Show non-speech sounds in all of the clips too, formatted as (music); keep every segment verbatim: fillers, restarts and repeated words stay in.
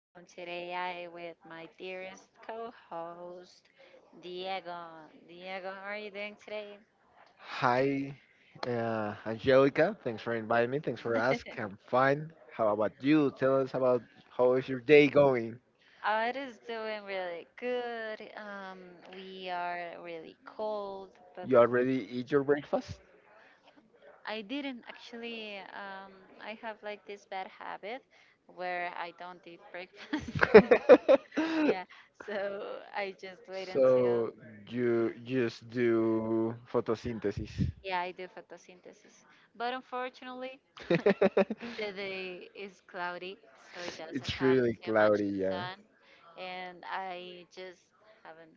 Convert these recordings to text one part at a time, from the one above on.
Um, today, I with my dearest co-host Diego. Diego, how are you doing today? Hi, uh, Angelica. Thanks for inviting me. Thanks for asking. (laughs) I'm fine. How about you? Tell us about how is your day going? Uh, it is doing really good. Um, we are really cold, but You already eat your breakfast? I didn't actually. Um, I have like this bad habit where I don't eat breakfast. (laughs) (laughs) yeah, so I just wait until. so you just do photosynthesis. Yeah, I do photosynthesis, but unfortunately, (laughs) the day is cloudy, so it doesn't it's have really too much cloudy, yeah. sun, and I just haven't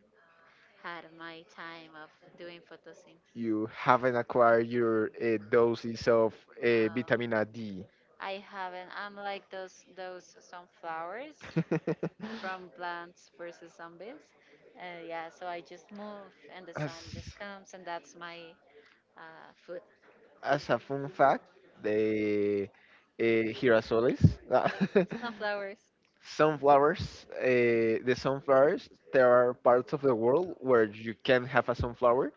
had my time of doing photosynthesis. You haven't acquired your uh, doses of No, uh, vitamin D. I haven't. I'm like those those sunflowers from Plants versus Zombies. Uh, yeah, so I just move, and the (laughs) As sun just comes, and that's my uh, food. As a fun fact, the uh, girasoles, (laughs) Sunflowers. sunflowers, uh, the sunflowers, there are parts of the world where you can have a sunflower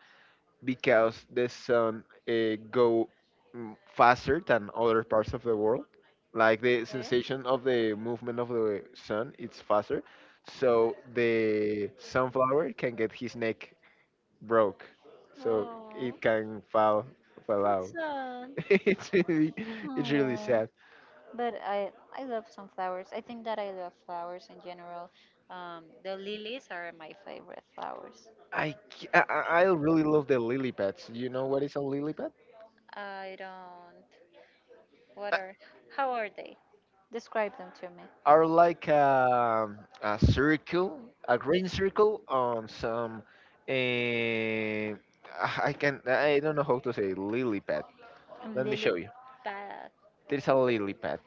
because the sun uh, go mm, faster than other parts of the world. Like the Okay. sensation of the movement of the sun, it's faster. So the sunflower can get his neck broke, so Oh, it can fall fall that's out. sad. (laughs) it's really, Oh it's my really god. sad. But I I love some flowers. I think that I love flowers in general. Um, the lilies are my favorite flowers. I, c- I I- I really love the lily pads. You know what is a lily pad? I don't. What are? How are they? Describe them to me. Are like um a circle, a green circle on some. eh, I can I don't know how to say lily pad. I Let me lily show you. pad. There's a lily pad.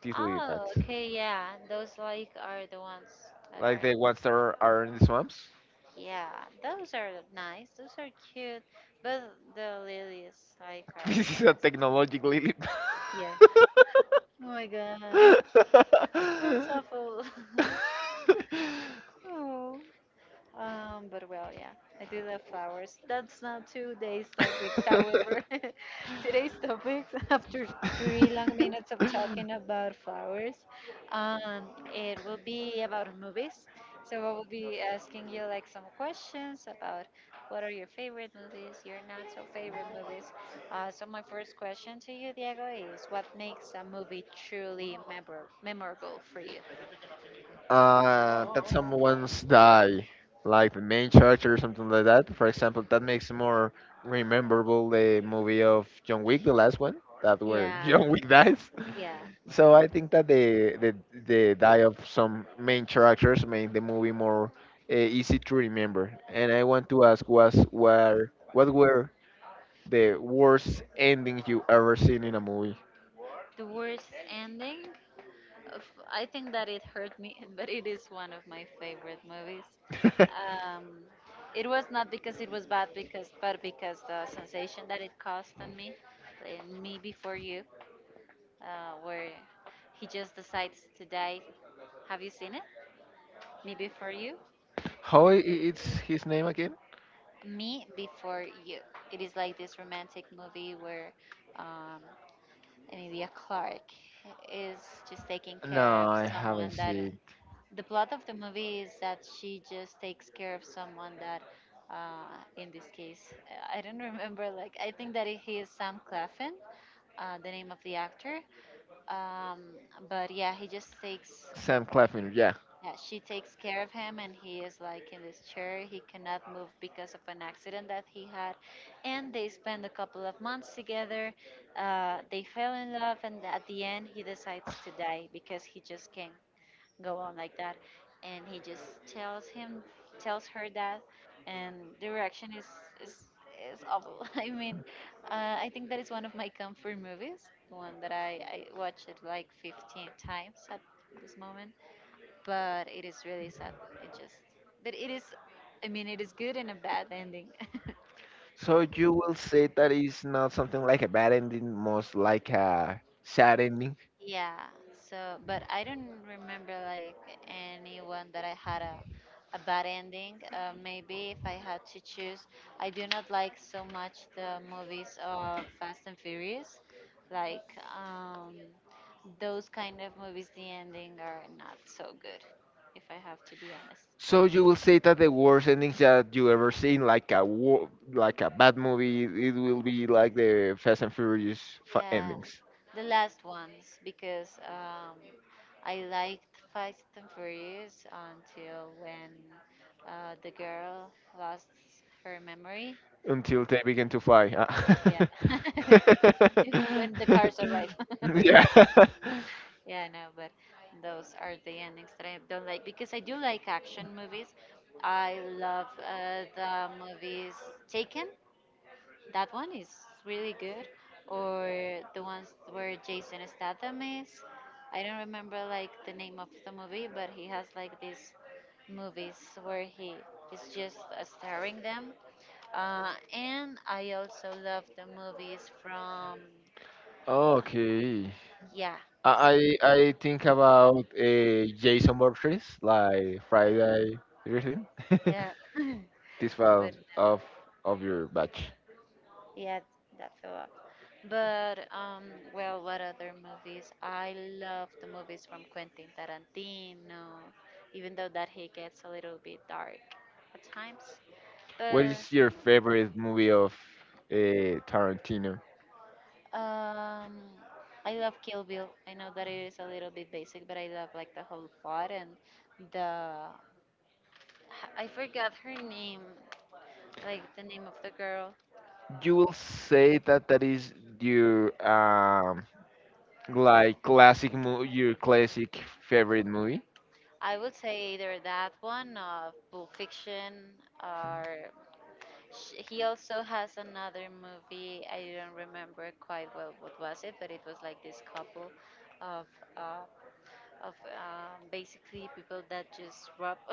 These lily Oh, pads, okay, yeah. Those like are the ones that like are. the ones that are, are in the swamps. Yeah, those are nice. Those are cute. But the lilies like are. This is a technological leap. Yeah. (laughs) (laughs) Oh Oh my my god, god. that's awful. (laughs) (laughs) Oh. Um, but well, yeah, I do love flowers. That's not today's topic, (laughs) however. (laughs) Today's topic, (laughs) after three long minutes of talking about flowers, um, it will be about movies. So I will be asking you like some questions about what are your favorite movies, your not so favorite movies. Uh, so my first question to you, Diego, is what makes a movie truly memor memorable for you? uh, that someone's die, like the main character or something like that. For example, that makes more rememberable the movie of John Wick, the last one, that where (laughs) Yeah, John Wick dies. yeah. So I think that the the the die of some main characters made the movie more uh, easy to remember. And I want to ask, was were what were the worst ending you ever seen in a movie? The worst ending? Of- I think that it hurt me, (laughs) but it is one of my favorite movies. (laughs) Um, it was not because it was bad, because but because the sensation that it caused on me, in me before you, uh, where he just decides to die. Have you seen it? Me before you. How i- i- it's his name again? Me before you. It is like this romantic movie where um, Emilia Clarke is just taking No, care of I haven't someone that. seen The plot of the movie is that she just takes care of someone that, uh, in this case, I don't remember. Like I think that he is Sam Claflin, uh, the name of the actor. Um, but yeah, he just takes. Sam Claflin. Yeah. Yeah, she takes care of him, and he is like in this chair. He cannot move because of an accident that he had, and they spend a couple of months together. Uh, they fell in love, and at the end, he decides to die because he just can't go on like that and he just tells him tells her that and the reaction is is is awful. (laughs) I mean, uh, I think that is one of my comfort movies, the one that i i watch it like fifteen times at this moment, but it is really sad. It just, but it is, I mean, it is good and a bad ending. (laughs) So you will say that it's not something like a bad ending, most like a sad ending. Yeah, so but I don't remember like anyone that I had a a bad ending. Uh, maybe if I had to choose, I do not like so much the movies of Fast and Furious, like um, those kind of movies. The ending are not so good, if I have to be honest. So you will say that the worst endings that you ever seen, like a war, like a bad movie, it will be like the Fast and Furious fa- Yeah, endings the last ones because um, I liked Fast and Furious until when uh, the girl lost her memory. until they begin to fly. Yeah, Ah. (laughs) when the cars (laughs) arrive. (laughs) yeah. (laughs) Yeah, no, but those are the endings that I don't like because I do like action movies. I love uh, the movies Taken. That one is really good. Or the ones where Jason Statham is. I don't remember like the name of the movie, but he has like these movies where he is just uh, starring them. Uh, and I also love the movies from Okay. yeah, I I I think about uh, Jason Voorhees, like Friday, everything. (laughs) yeah, this (laughs) one but of of your batch. yeah, that's a lot. But um, well, what other movies? I love the movies from Quentin Tarantino, even though that he gets a little bit dark at times. What But is your favorite movie of uh, Tarantino? um, I love Kill Bill. I know that it is a little bit basic, but I love like the whole plot and the, I forgot her name, like the name of the girl. you will say that that is your um like classic mo- your classic favorite movie? I would say either that one of Pulp Fiction or Sh- He also has another movie. I don't remember quite well what was it, but it was like this couple of uh, of um, basically people that just rob. (laughs)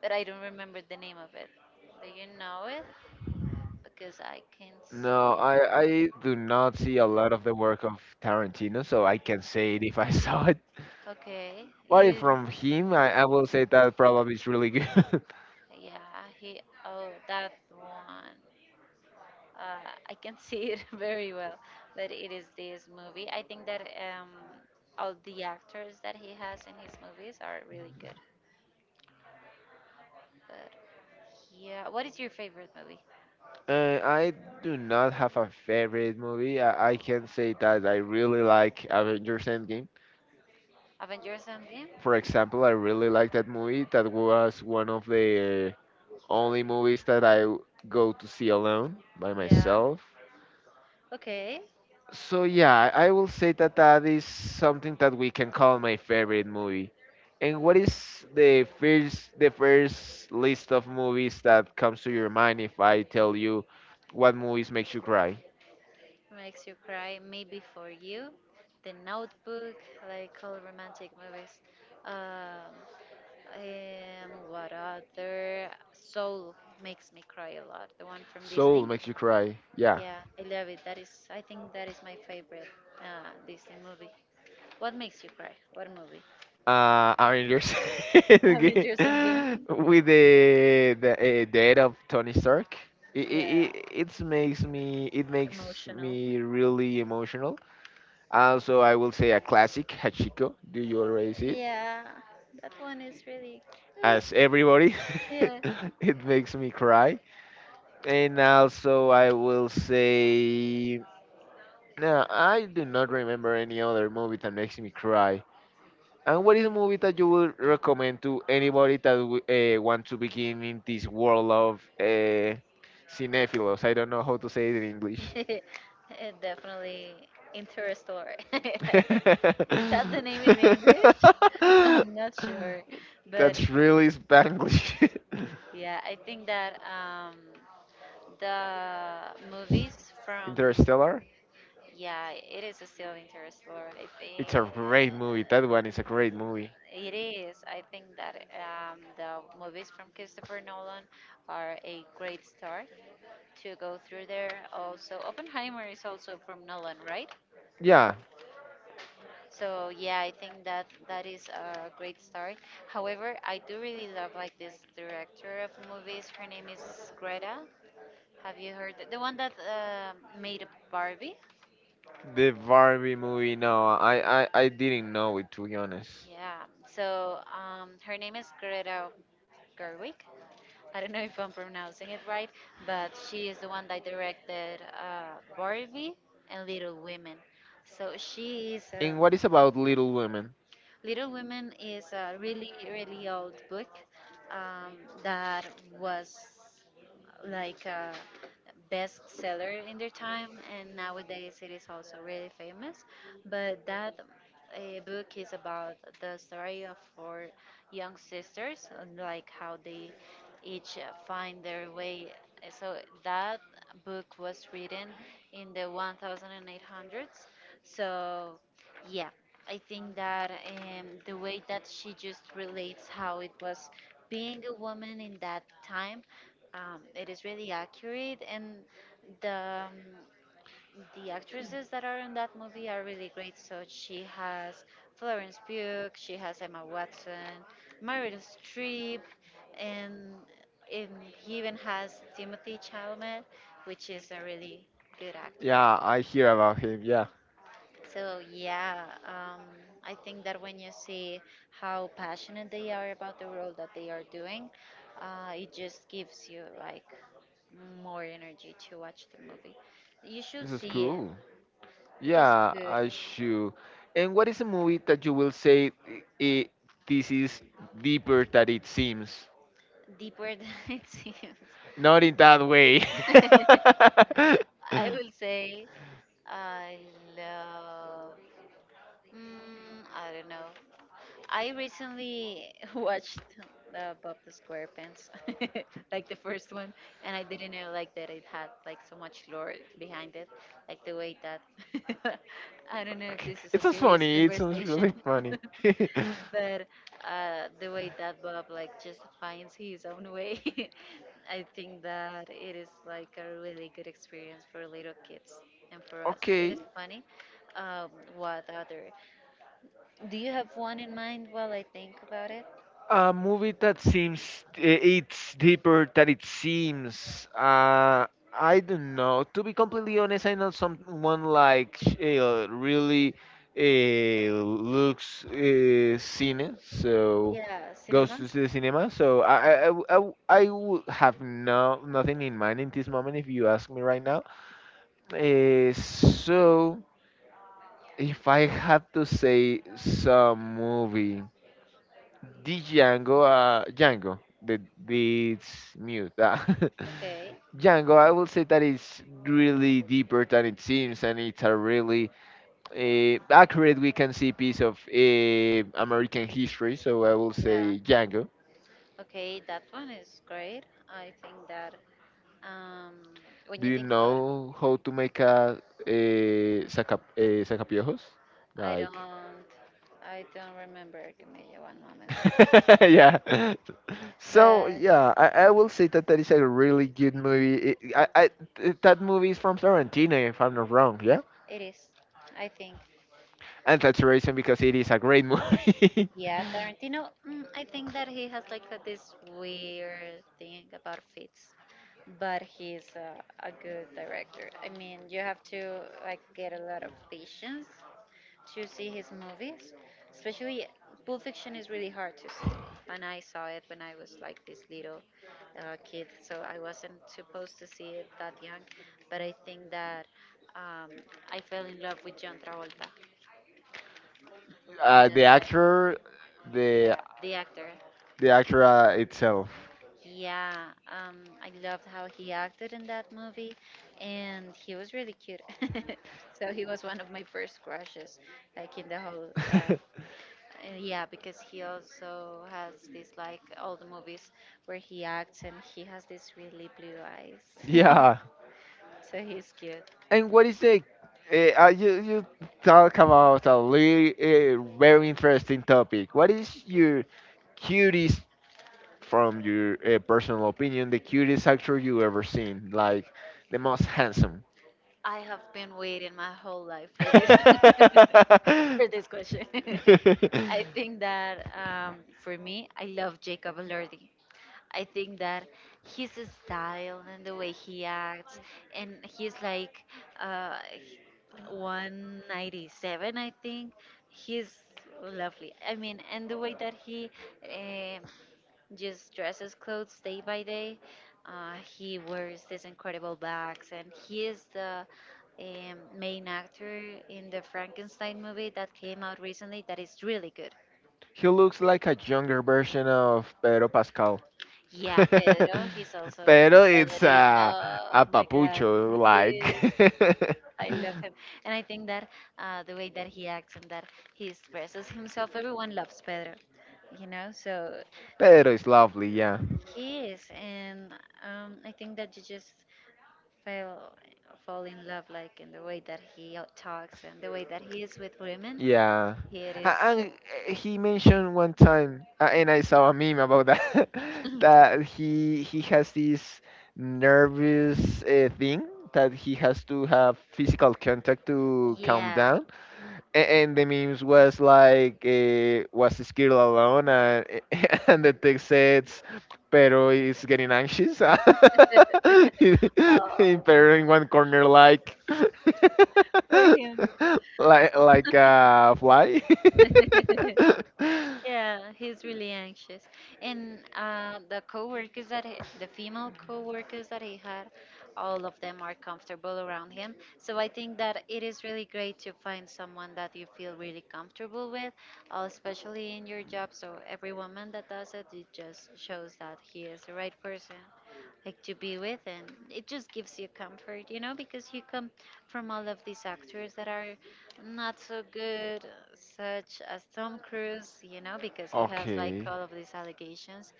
But I don't remember the name of it. Do you know it? Because I can't see No, I I it. do not see a lot of the work of Tarantino, so I can say it if I (laughs) saw it. Okay, But if you. from him, I, I will say that probably is really good. (laughs) Yeah, he. Oh, that one. uh, I can see it (laughs) very well, but it is this movie. I think that um, all the actors that he has in his movies are really good. But yeah, what is your favorite movie? uh, I do not have a favorite movie. I, I can say that I really like Avengers Endgame. Avengers Endgame? For example, I really like that movie. That was one of the Only movies that I w- go to see alone by Yeah. myself. Okay. So yeah, I I will say that that is something that we can call my favorite movie. And what is the first the first list of movies that comes to your mind if I tell you what movies makes you cry? Makes you cry. Maybe for you, The Notebook, like all romantic movies. Um, um, what other? Soul makes me cry a lot. The one from Soul Disney. makes you cry. Yeah. Yeah, I love it. That is, I think that is my favorite uh, Disney movie. What makes you cry? What movie? uh, Avengers. (laughs) Okay. Avengers Endgame. with the the uh, death of Tony Stark. It, Yeah, it, it makes me it makes emotional. me really emotional. Also, I will say a classic Hachiko. Do you already see it? Yeah, that one is really. Ugh, As everybody, yeah. (laughs) it makes me cry. And also, I will say no. I do not remember any other movie that makes me cry. And what is a movie that you would recommend to anybody that uh, want to begin in this world of uh, cinephilos? I don't know how to say it in English. (laughs) Eh, definitely Interstellar. (laughs) (laughs) Is that the name in English? (laughs) I'm not sure, (laughs) but That's really Spanglish. yeah, I think that um, the movies (laughs) from Interstellar. yeah, it is still Interstellar. I It's think a great movie. That one is a great movie. it is. I think that um, the movies from Christopher Nolan are a great start to go through there. Also, Oppenheimer is also from Nolan, right? Yeah, So yeah, I think that that is a great start. However, I do really love like this director of movies. Her name is Greta. Have you heard the one that um made Barbie? the Barbie movie. No, I I, I didn't know it to be honest. Yeah. So um, her name is Greta Gerwig. I don't know if I'm pronouncing it right, but she is the one that directed uh, Barbie and Little Women. So she is a, And what is about Little Women? Little Women is a really really old book, um, that was like a bestseller in their time, and nowadays it is also really famous. But that uh, book is about the story of four young sisters, and, like how they each uh, find their way. So that book was written in the eighteen hundreds. So yeah, I think that um, the way that she just relates how it was being a woman in that time, um, it is really accurate, and the um, the actresses that are in that movie are really great. So she has Florence Pugh, she has Emma Watson, Meryl Streep, and, and he even has Timothy Chalamet, which is a really good actor, right? Yeah, I hear about him. Yeah, Yeah, so yeah, um, I think that when you see how passionate they are about the role that they are doing, uh, it just gives you like more energy to watch the movie. You should this is see it. cool. It is Yeah, good. I should. And what is a movie that you will say it, this is deeper than it seems? Deeper than (laughs) it seems. Not in that way. (laughs) (laughs) I I will say I love. Mm, I don't know. I recently (laughs) watched uh, Bob the Squarepants, (laughs) like the first (laughs) one, and I didn't know like that it had like so much lore behind it, like the way that. (laughs) (laughs) I don't know if this is a It just serious funny. conversation. Really (laughs) funny. But uh, the way that Bob like just finds his own way, (laughs) I think that it is like a really good experience for little kids and for (laughs) us. It okay. is funny. Um, what other? Do you have one in mind while I think about it? A movie that seems eh, it's deeper than it seems. Uh, I don't know. To be completely honest, I'm not someone like uh, really uh, looks uh, cine, so Yeah, goes cinema. to the cinema. So I I, I, w- I w- I w- have no nothing in mind in this moment. If you ask me right now, uh, so if I have to say some movie the Django, uh, Django, the it's mute. ah. Okay. (laughs) Django, I will say that it's really deeper than it seems, and it's a really uh, accurate we can see piece of uh, American history. So I will Yeah. say Django. Okay, that one is great. I think that um, when Do you you think about, know how to make a a saca, uh, sacapiojos? I don't, Like I don't remember. Give me one moment. (laughs) yeah. So But yeah, I, I will say that that is a really good movie. It, I, I it- that movie is from Tarantino, if I'm not wrong. Yeah, it is. I think. and that's the reason because it is a great movie. Yeah, Tarantino, mm, I think that he has like a, this weird thing about fits, but he's a, a good director. I mean, you have to like get a lot of patience to see his movies, especially Pulp Fiction is really hard to see. And I saw it when I was like this little uh, kid, so I wasn't supposed to see it that young, but I think that um, I fell in love with John Travolta. (laughs) uh, the actor, the Yeah, the actor. the actor uh, itself. Yeah, um, I loved how he acted in that movie, and he was really cute. (laughs) So he was one of my first crushes, like in the whole. Uh, (laughs) and yeah, because he also has this like all the movies where he acts, and he has these really blue eyes. yeah. (laughs) So he's cute. And what is the? Uh, uh, you you talk about a really, uh, very interesting topic. What is your cutest from your uh, personal opinion, the cutest actor you ever seen, like the most handsome? I have been waiting my whole life for this (laughs) for this (laughs) question. (laughs) I think that um, for me, I love Jacob Elordi. I think that his style and the way he acts, and he's like uh, one ninety-seven, I think. He's lovely. I mean, and the way that he um, just dresses clothes day by day, uh, he wears these incredible bags, and he is the um, main actor in the Frankenstein movie that came out recently that is really good. he looks like a younger version of Pedro Pascal. (laughs) Yeah, (laughs) Pedro, he's also Pero it's Pedrito. a Oh a my God, papucho (laughs) he like. is. (laughs) I love him. And I think that uh, the way that he acts and that he expresses himself, everyone loves Pedro, you know? So Pedro is lovely, yeah. he is. And um, I think that you just fell, fall in love, like in the way that he uh, talks and the way that he is with women. Yeah. He is. A- And uh, he mentioned one time, uh, and I saw a meme about that, (laughs) that he he has this nervous uh, thing that he has to have physical contact to calm Yeah. down a- and the memes was like uh, was scared alone and, (laughs) and the text says pero is getting anxious (laughs) in Oh, pero in one corner like for him. (laughs) like like a fly. (laughs) Yeah, (laughs) he's really anxious. And uh, the coworkers that he, the female coworkers that he had, all of them are comfortable around him. So I think that it is really great to find someone that you feel really comfortable with, uh, especially in your job. So every woman that does it, it just shows that he is the right person like to be with and it just gives you comfort, you know because you come from all of these actors that are not so good, such as Tom Cruise, you know, because he has like Okay. all of these allegations.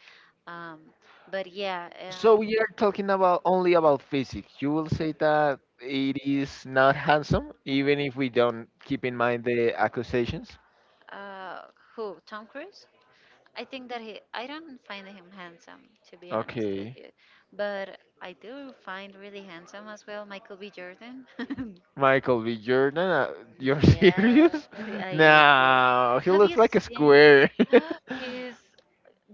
Um, but yeah, So um, we are talking about only about physics. You will say that it is not handsome, even if we don't keep in mind the accusations. uh, who? Tom Cruise? I think that he, I don't find him handsome, to be honest with Okay. you. But I do find really handsome as well Michael B. Jordan. (laughs) Michael B. Jordan, uh, you're (laughs) Yeah, serious? (laughs) I do. No, he Have looks you like a seen? square. (laughs) (gasps) He's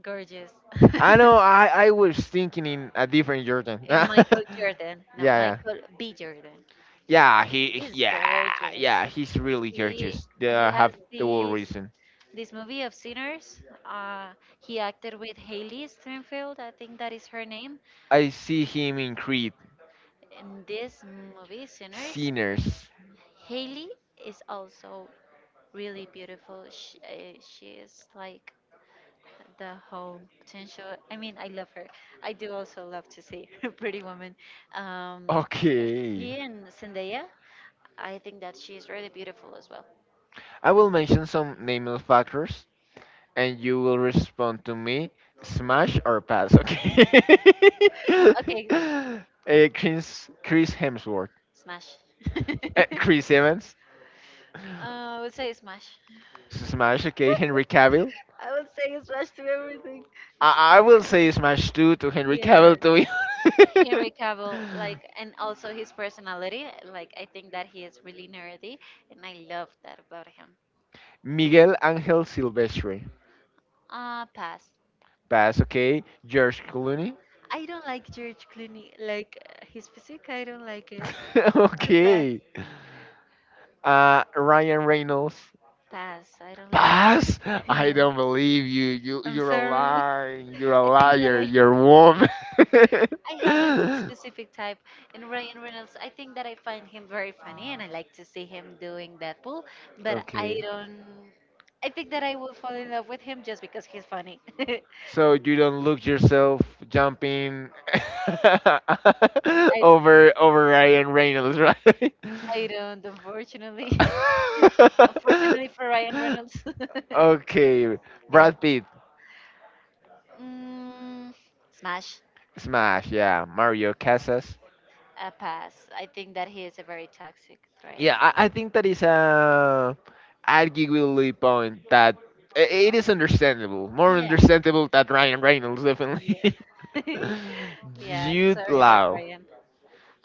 gorgeous. (laughs) I know. I I was thinking in a different Jordan. (laughs) Eh, yeah, Michael Jordan. No, yeah, Michael B. Jordan. yeah. He, He's yeah, gorgeous. yeah. He's really He gorgeous. They he has have the whole this reason. this movie of Sinners. Uh, he acted with Haley Steinfeld. I think that is her name. I see him in Creed. In this movie, Sinners, Sinners. Haley is also really beautiful. She, uh, she is like the whole potential. I mean, I love her. I do also love to see (laughs) Pretty Woman. Um, Okay. he and Zendaya. I think that she's really beautiful as well. I will mention some nameless factors and you will respond to me smash or pass, okay? Okay, (laughs) Eh, Chris, Chris Hemsworth. smash. Eh, (laughs) Chris Evans. Uh, I would say smash. Smash, okay. Henry Cavill. I would say smash to everything. I, I will say smash too to Henry Yeah, Cavill to be. Henry Cavill, like, and also his personality. Like, I think that he is really nerdy, and I love that about him. (laughs) Miguel Angel Silvestre. Uh, pass. Pass, okay. George Clooney. I don't like George Clooney, like uh, his physique. I don't like it. (laughs) So bad. okay. Uh, Ryan Reynolds. Pass. I don't like. Pass? (laughs) I Yeah, don't believe you. You I'm you're a sorry. lying. You're (laughs) I a think that liar. I You're a woman. I have a specific type (laughs) in Ryan Reynolds. I think that I find him very funny and I like to see him doing Deadpool, but I okay. don't I think that I will fall in love with him just because he's funny. (laughs) I So you don't look yourself jumping (laughs) over over Ryan Reynolds, right? I don't, unfortunately. (laughs) Unfortunately for Ryan Reynolds. (laughs) (laughs) okay. Brad Yeah. Pitt. Mm, smash. Smash, yeah. Mario Casas. A pass. I think that he is a very toxic threat. Yeah, I, I think that is a arguably point that i- it is understandable, more Yeah. understandable than Ryan Reynolds, Yeah. definitely. (laughs) (laughs) Yeah, I'm Jude sorry about Law, Ryan.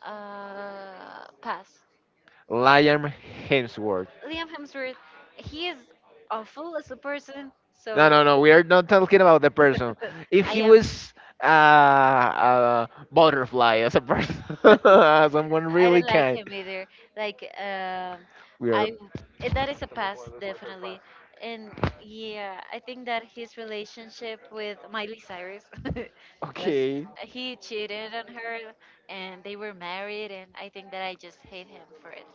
Uh, pass. Liam Hemsworth. Liam Hemsworth, he is awful as a person, No, so no, no, we are not talking about the person. (laughs) If I he am. was uh, a butterfly as a person, (laughs) someone I really don't like can. him either. Like um we I are Eh, that is a pass definitely. And yeah, I think that his relationship with Miley Cyrus (laughs) was okay. he cheated on her and they were married and I think that I just hate him for it.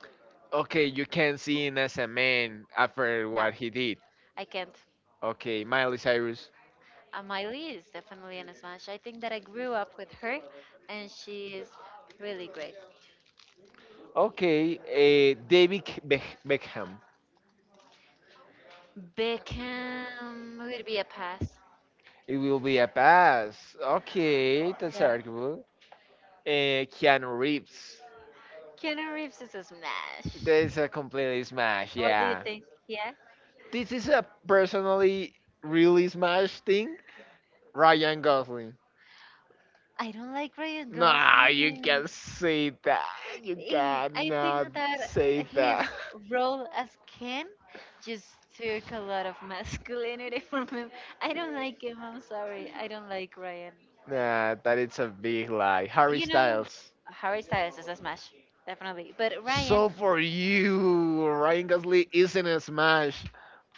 Okay, you can see him as a man after No, what he did. I can't. Okay, Miley Cyrus. Uh, Miley is definitely an smash. I think that I grew up with her, and she is really great. Okay, uh, David Beck- Beckham. Beckham would be a pass. It will be a pass. Okay, that's Yeah. arguable. Uh, Keanu Reeves. Keanu Reeves is a smash. That's a completely smash, What do you yeah. think? Yeah. This is a personally really smash thing. Ryan Gosling. I don't like Ryan No, you Gosling. can't say that. You In I think cannot that say his that. (laughs) role as Ken just took a lot of masculinity (laughs) from him. I don't like him. I'm sorry. I don't like Ryan. Nah, that is a big lie. Harry You know, Styles. Harry Styles is a smash, definitely. But Ryan, So for you, Ryan Gosling isn't a smash.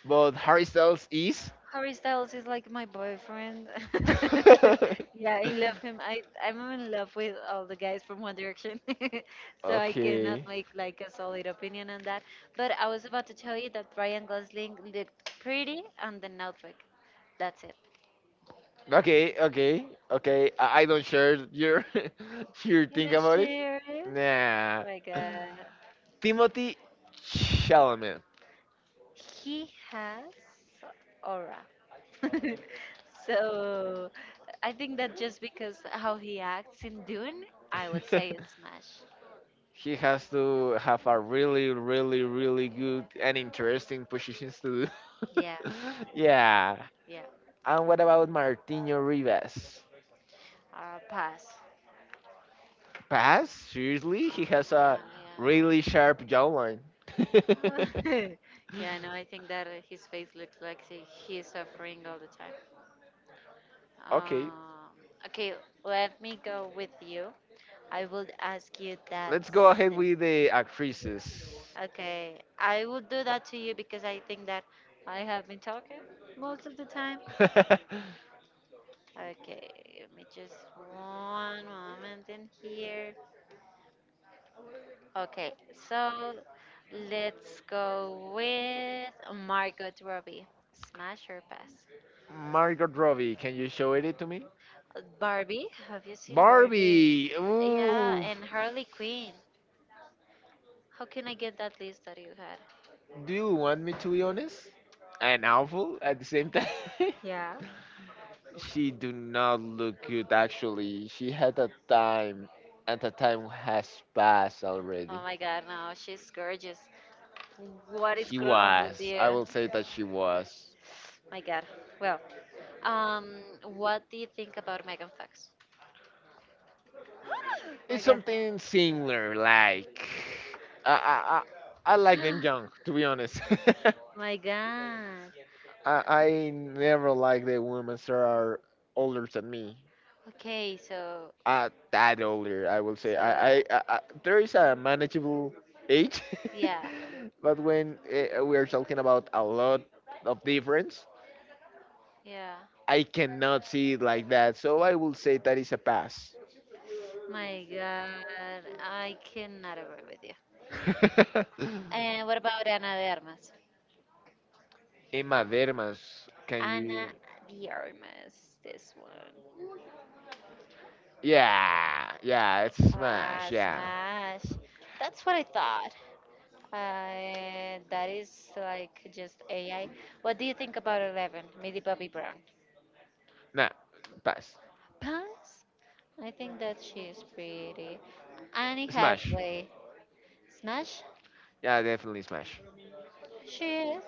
But Harry Styles is. Harry Styles is like my boyfriend. (laughs) (laughs) Yeah, I love him. I I'm in love with all the guys from One Direction, (laughs) so I cannot okay. make like a solid opinion on that. But I was about to tell you that Ryan Gosling looked pretty on the Notebook. That's it. Okay, okay, okay. I, I don't share your (laughs) your (laughs) think But about it. Sherry, Nah, my God, Timothy Chalamet. he has aura. (laughs) So I think that just because how he acts in Dune, I would say it's smash. (laughs) he has to have a really, really, really good and interesting positions to do. Yeah, (laughs) yeah. yeah. And what about Martino Rivas? Uh, pass. Pass? Seriously? He has a Yeah, really yeah. sharp jawline. (laughs) Yeah, no, I think that uh, his face looks like he, he's suffering all the time. (laughs) okay, Um, okay, let me go with you. I will ask you that. let's go ahead with the actresses. Okay, I will do that to you because I think that I have been talking most of the time. (laughs) Okay, give me just one moment in here. Okay, so let's go with Margot Robbie. Smash or pass? Margot Robbie, can you show it to me? Uh, Barbie? it? Have you seen Barbie? Barbie! Yeah, Yeah, Ooh! and Harley Quinn. How can I get that list that you had? Do you want me to be honest? And awful at the same time? (laughs) Yeah. she do not look good actually. She had a time and the time has passed Oh already. Oh my God, Oh. no, she's gorgeous. What is He wrong with was. I you? will say that she was. My God. Well, um, what do you think about Megan Fox? My It's God. something similar, like I I I, I like them young, (gasps) to be honest. (laughs) My God. I, I never like the women that are older than me. Okay, so Uh, that older, I will say. so I, uh, I, I, I there is a manageable age, yeah, (laughs) but when uh, we are talking about a lot of difference, yeah. I cannot see it like that. So I will say that is a pass. My God, I cannot agree with you. (laughs) uh, And what about Ana de Armas? Hemadermas, can you? Ana de Armas, this one. Yeah, yeah, it's Ah, smash. Yeah, smash. That's what I thought. Uh, that is like just A I. What do you think about Eleven, Millie Bobby Brown? nah, pass. Pass. I think that she is pretty. Annie Annie Smash. Hathaway, smash. Yeah, definitely smash. She is.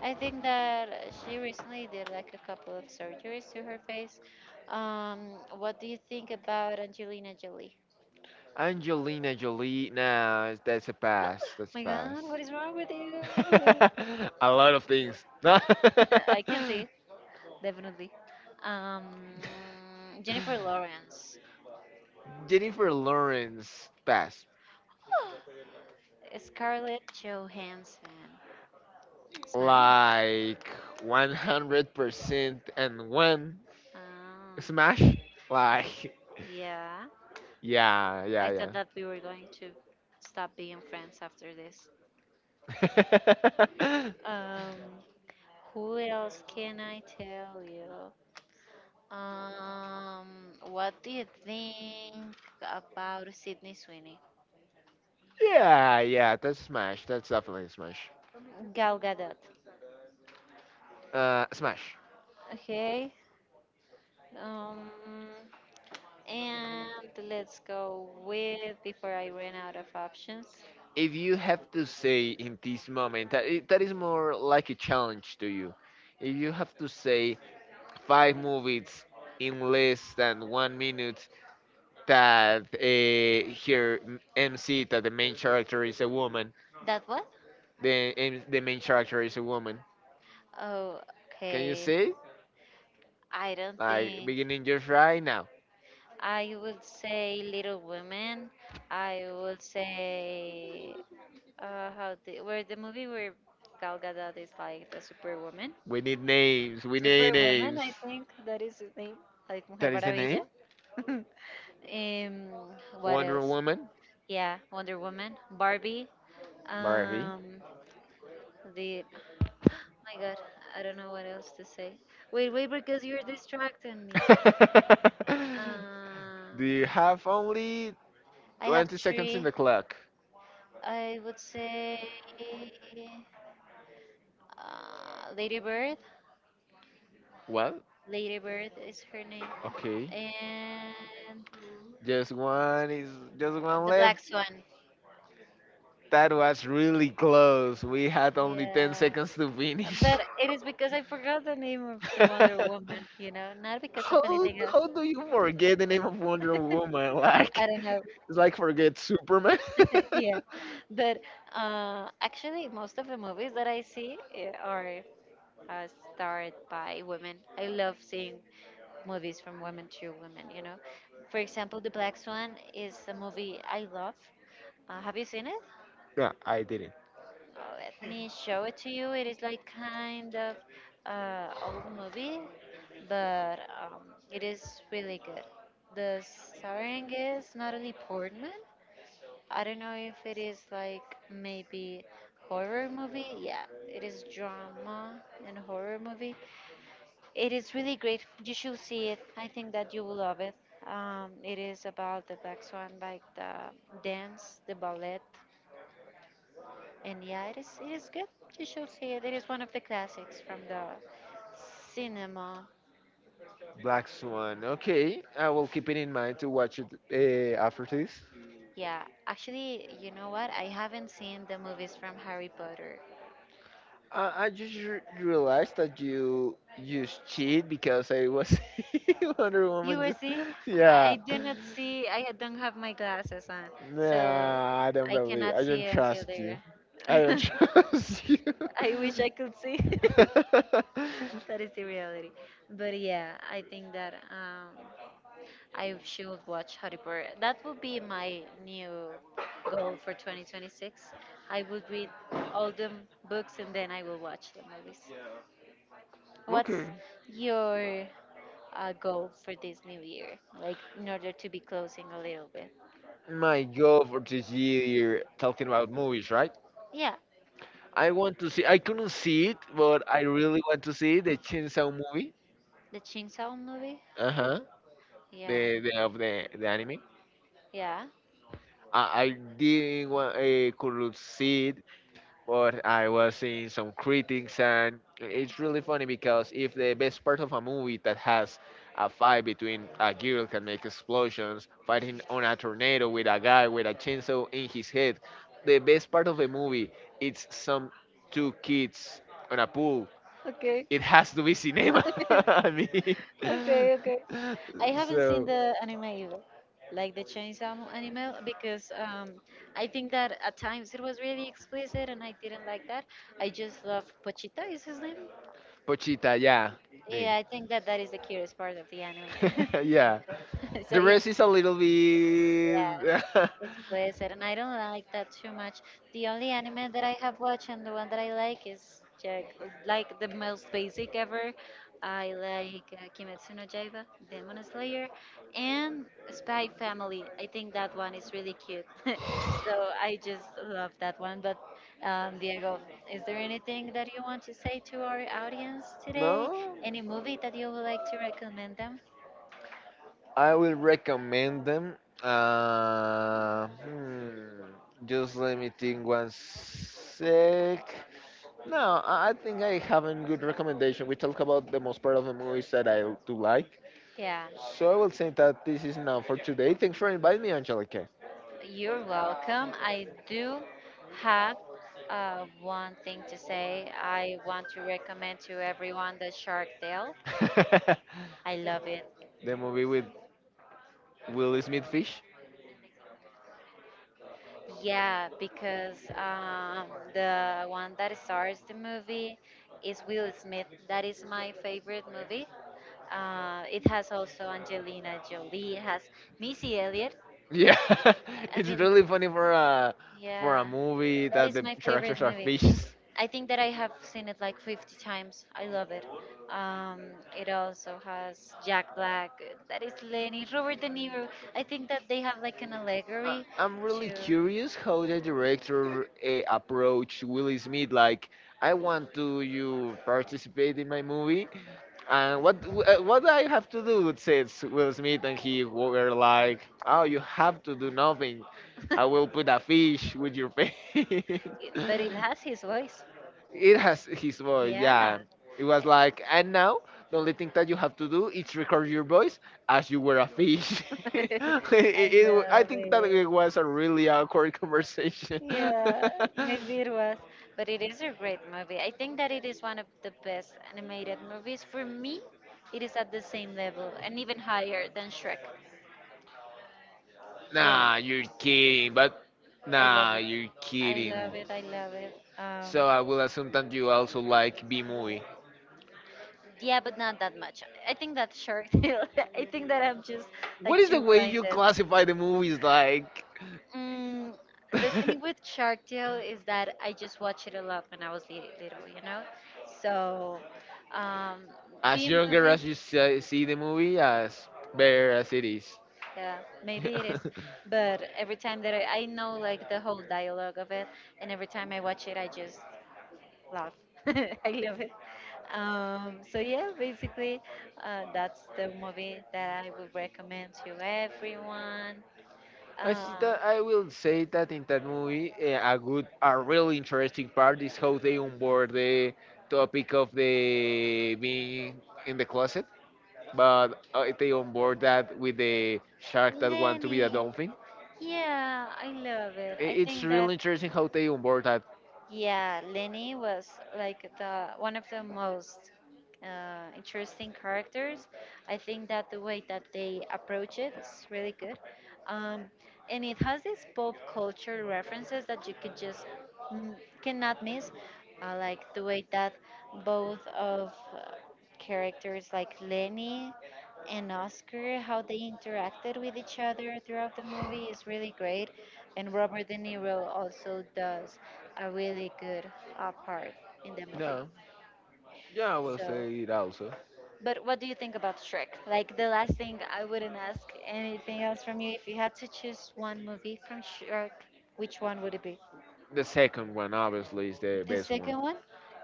I think that she recently did like a couple of surgeries to her face. Um, what do you think about Angelina Jolie? Angelina Jolie. Nah, it's- that's a Oh pass. That's a my pass. God, what is wrong with (laughs) What is you? wrong with you? (laughs) a lot of things. No. (laughs) (laughs) I can see, definitely. Um, Jennifer Lawrence. Jennifer Lawrence pass. (gasps) Scarlett Johansson. Smash. Like one hundred percent and one Oh, smash. Like yeah. yeah, yeah, I yeah. thought that we were going to stop being friends after this. (laughs) Um, who else can I tell you? Um, what do you think about Sydney Sweeney? yeah, yeah, that's Smash. That's definitely Smash. Gal Gadot. Uh, Smash. Okay. Um, and let's go with before I run out of options. If you have to say in this moment, that, i- that is more like a challenge to you. If you have to say five movies in less than one minute that uh, here m- MC, that the main character is a woman, That what? the M- the main character is a woman. Oh, Can you okay. see? I don't Like think. beginning just right now. I would say Little Women. I would say uh how the where the movie where Gal Gadot is like the superwoman. We need Yeah, names. We yeah. need Superwoman, names. I think that is his name, like Mujer That is the name. Maravilla. (laughs) um, what Wonder else? Woman, Yeah, Wonder Woman, Barbie. Barbie. Um, the Oh my God, I don't know what else to say. Wait, wait, because you're distracting me. (laughs) Do you Um, have only I have twenty seconds in three. the clock? I would say uh, Lady Bird. Well, Lady Bird is her name. okay. And Just one is just one the left. black swan. That was really close. We had only ten Yeah. seconds to finish. But it is because I forgot the name of the Wonder (laughs) Woman, you know, not because of how anything else. how do you forget the name of Wonder Woman? (laughs) Like I don't know. (laughs) it's like forget Superman. (laughs) (laughs) Yeah. But uh, actually, most of the movies that I see eh, are uh, starred by women. I love seeing movies from women to women, you know. For example, The Black Swan is a movie I love. Uh, have you seen it? Yeah, I didn't. Oh, let me show it to you. It is like kind of uh, old movie, but um, it is really good. The starring is Natalie Portman. I don't know if it is like maybe horror movie. Yeah, it is drama and horror movie. It is really great. You should see it. I think that you will love it. Um, it is about the Black Swan, like the dance, the ballet. And yeah, it is it is good. You should see it. It is one of the classics from the cinema. Black Swan. Okay, I will keep it in mind to watch it uh, after this. Yeah, actually, you know what? I haven't seen the movies from Harry Potter. I, I just re- realized that you used cheat because I was (laughs) Wonder You Woman. were Just, see? I yeah. I do not see. I don't have my glasses on, so Nah, I don't I believe. cannot I see don't until trust you. there. I don't (laughs) (laughs) trust you. I wish I could see. (laughs) That is the reality. But yeah, I think that um, I should watch Harry Potter. That would be my new goal for twenty twenty-six. I will read all the books and then I will watch the movies. (laughs) What's Okay. your uh, goal for this new year? Like, in order to be closing a little bit? My goal for this year, talking about movies, right? Yeah, I want to see. I couldn't see it, but I really want to see the Chainsaw movie. the Ching Sao movie? Uh huh. Yeah. The, the of the the anime. Yeah. I, I didn't want, uh, could see it, but I was seeing some critics, and it's really funny because if the best part of a movie that has a fight between a girl can make explosions, fighting on a tornado with a guy with a chainsaw in his head, the best part of the movie, it's some two kids on a pool. Okay. It has to be cinema. (laughs) (laughs) I mean, Okay, okay. I (laughs) haven't seen so the anime either, like the Chainsaw Mo- anime, because um, I think that at times it was really explicit and I didn't like that. I just love Pochita, is his name? Pochita, yeah. Me. Yeah, (laughs) I think that that is the curious part of the anime. Yeah. (laughs) So The yeah, rest is a little bit. yeah, (laughs) explicit, and I don't like that too much. The only anime that I have watched and the one that I like is Jack, like the most basic ever. I like uh, Kimetsu no Yaiba, Demon Slayer, and Spy Family. I think that one is really cute. (laughs) So I just love that one. But um, Diego, is there anything that you want to say to our audience today? No? Any movie that you would like to recommend them? I will recommend them. Uh, hmm, just let me think one sec. No, I I think I have a good recommendation. We talk about the most part of the movies that I do like. Yeah. So I will say that this is now for today. Thanks for inviting me, Angelica. You're welcome. I do have uh, one thing to say. I want to recommend to everyone the Shark Tale. (laughs) I love it. The movie with Will Smith Fish. Yeah, because um, the one that stars the movie is Will Smith. That is my favorite movie. Uh, it has also Angelina Jolie. It has Missy Elliott. Yeah, (laughs) I it's mean, really funny for a for yeah, a movie that that is the my favorite characters are movie. fishes. I think that I have seen it like fifty times. I love it. Um, it also has Jack Black. uh, That is Lenny. Robert De Niro. I think that they have like an I- allegory I'm really to, curious how the director uh, approached Will Smith. Like, I want to you participate in my movie, and what w- uh, what do I have to do, says Will Smith, and he were like, "Oh, you have to do nothing. I (laughs) will put a fish with your face." it- but (laughs) it has his voice. It has his voice. Yeah. Yeah, it was like, and now the only thing that you have to do is record your voice as you were a fish. (laughs) it, (laughs) I it, it wa- I love think that it it. was a really awkward conversation. Yeah, maybe it was, (laughs) but it is a great movie. I think that it is one of the best animated movies. For me, it is at the same level and even higher than Shrek. Yeah. Nah, you're kidding, but I love nah, it. you're I kidding. love it. I love it. Um, So I will assume that you also like B movie. yeah, but not that much. I think that Shark Tale. (laughs) I think that I'm just What like is the too way you blinded. classify the movies like? Mm, the thing with (laughs) Shark Tale is that I just watched it a lot when I was li- little, you know? So, um, As B younger movie, as you se- see the movie, as better as it is. yeah, maybe it is. (laughs) But every time that I, I know like the whole dialogue of it, and every time I watch it, I just love. (laughs) I love it. Um, so yeah, basically, uh, that's the movie that I would recommend to everyone. I Uh, see that I will say that in that movie, eh, a good, a really interesting part is how they onboard the topic of the being in the closet, but uh, they onboard that with the shark that want to be a Lenny, dolphin. yeah, I love it. I- I It's think that really interesting how they onboard that. yeah, Lenny was like the one of the most uh, interesting characters. I think that the way that they approach it is really good, um, and it has these pop culture references that you could just mm, cannot miss, uh, like the way that both of uh, characters like Lenny and Oscar, how they interacted with each other throughout the movie is really great, and Robert De Niro also does a really good uh, part in the movie. No, yeah, I will So, say it also. but what do you think about Shrek? Like the last thing, I wouldn't ask anything else from you. If you had to choose one movie from Shrek, which one would it be? The second one, obviously, is the The best one. second one?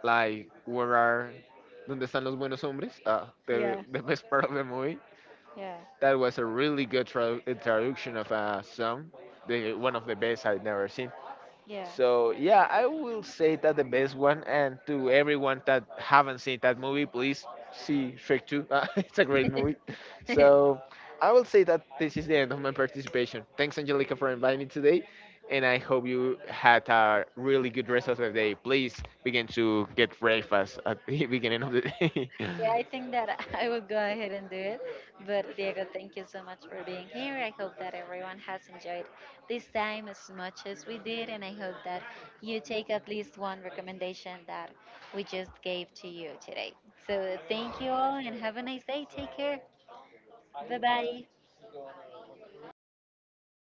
Like, where are, donde están los buenos hombres? Ah, the, Yeah, the best part of the movie. yeah, That was a really good tra- uh, traduction of a song. The, one of the best I've never seen. So yeah, I will say that the best one. And to everyone that haven't seen that movie, please see Shrek two. (laughs) Uh, it's a great movie. yeah. (laughs) So I will say that this is the end of my participation. Thanks, Angelica, for inviting me today, and I hope you had a really good rest of the day. Please begin to get breakfast at the (laughs) beginning of the day. Yeah, I (laughs) think that (laughs) I will go ahead and do it. But Diego, thank you so much for being here. I hope that everyone has enjoyed this time as much as we did, and I hope that you take at least one recommendation that we just gave to you today. So thank you all and have a nice day. Take care. Bye bye.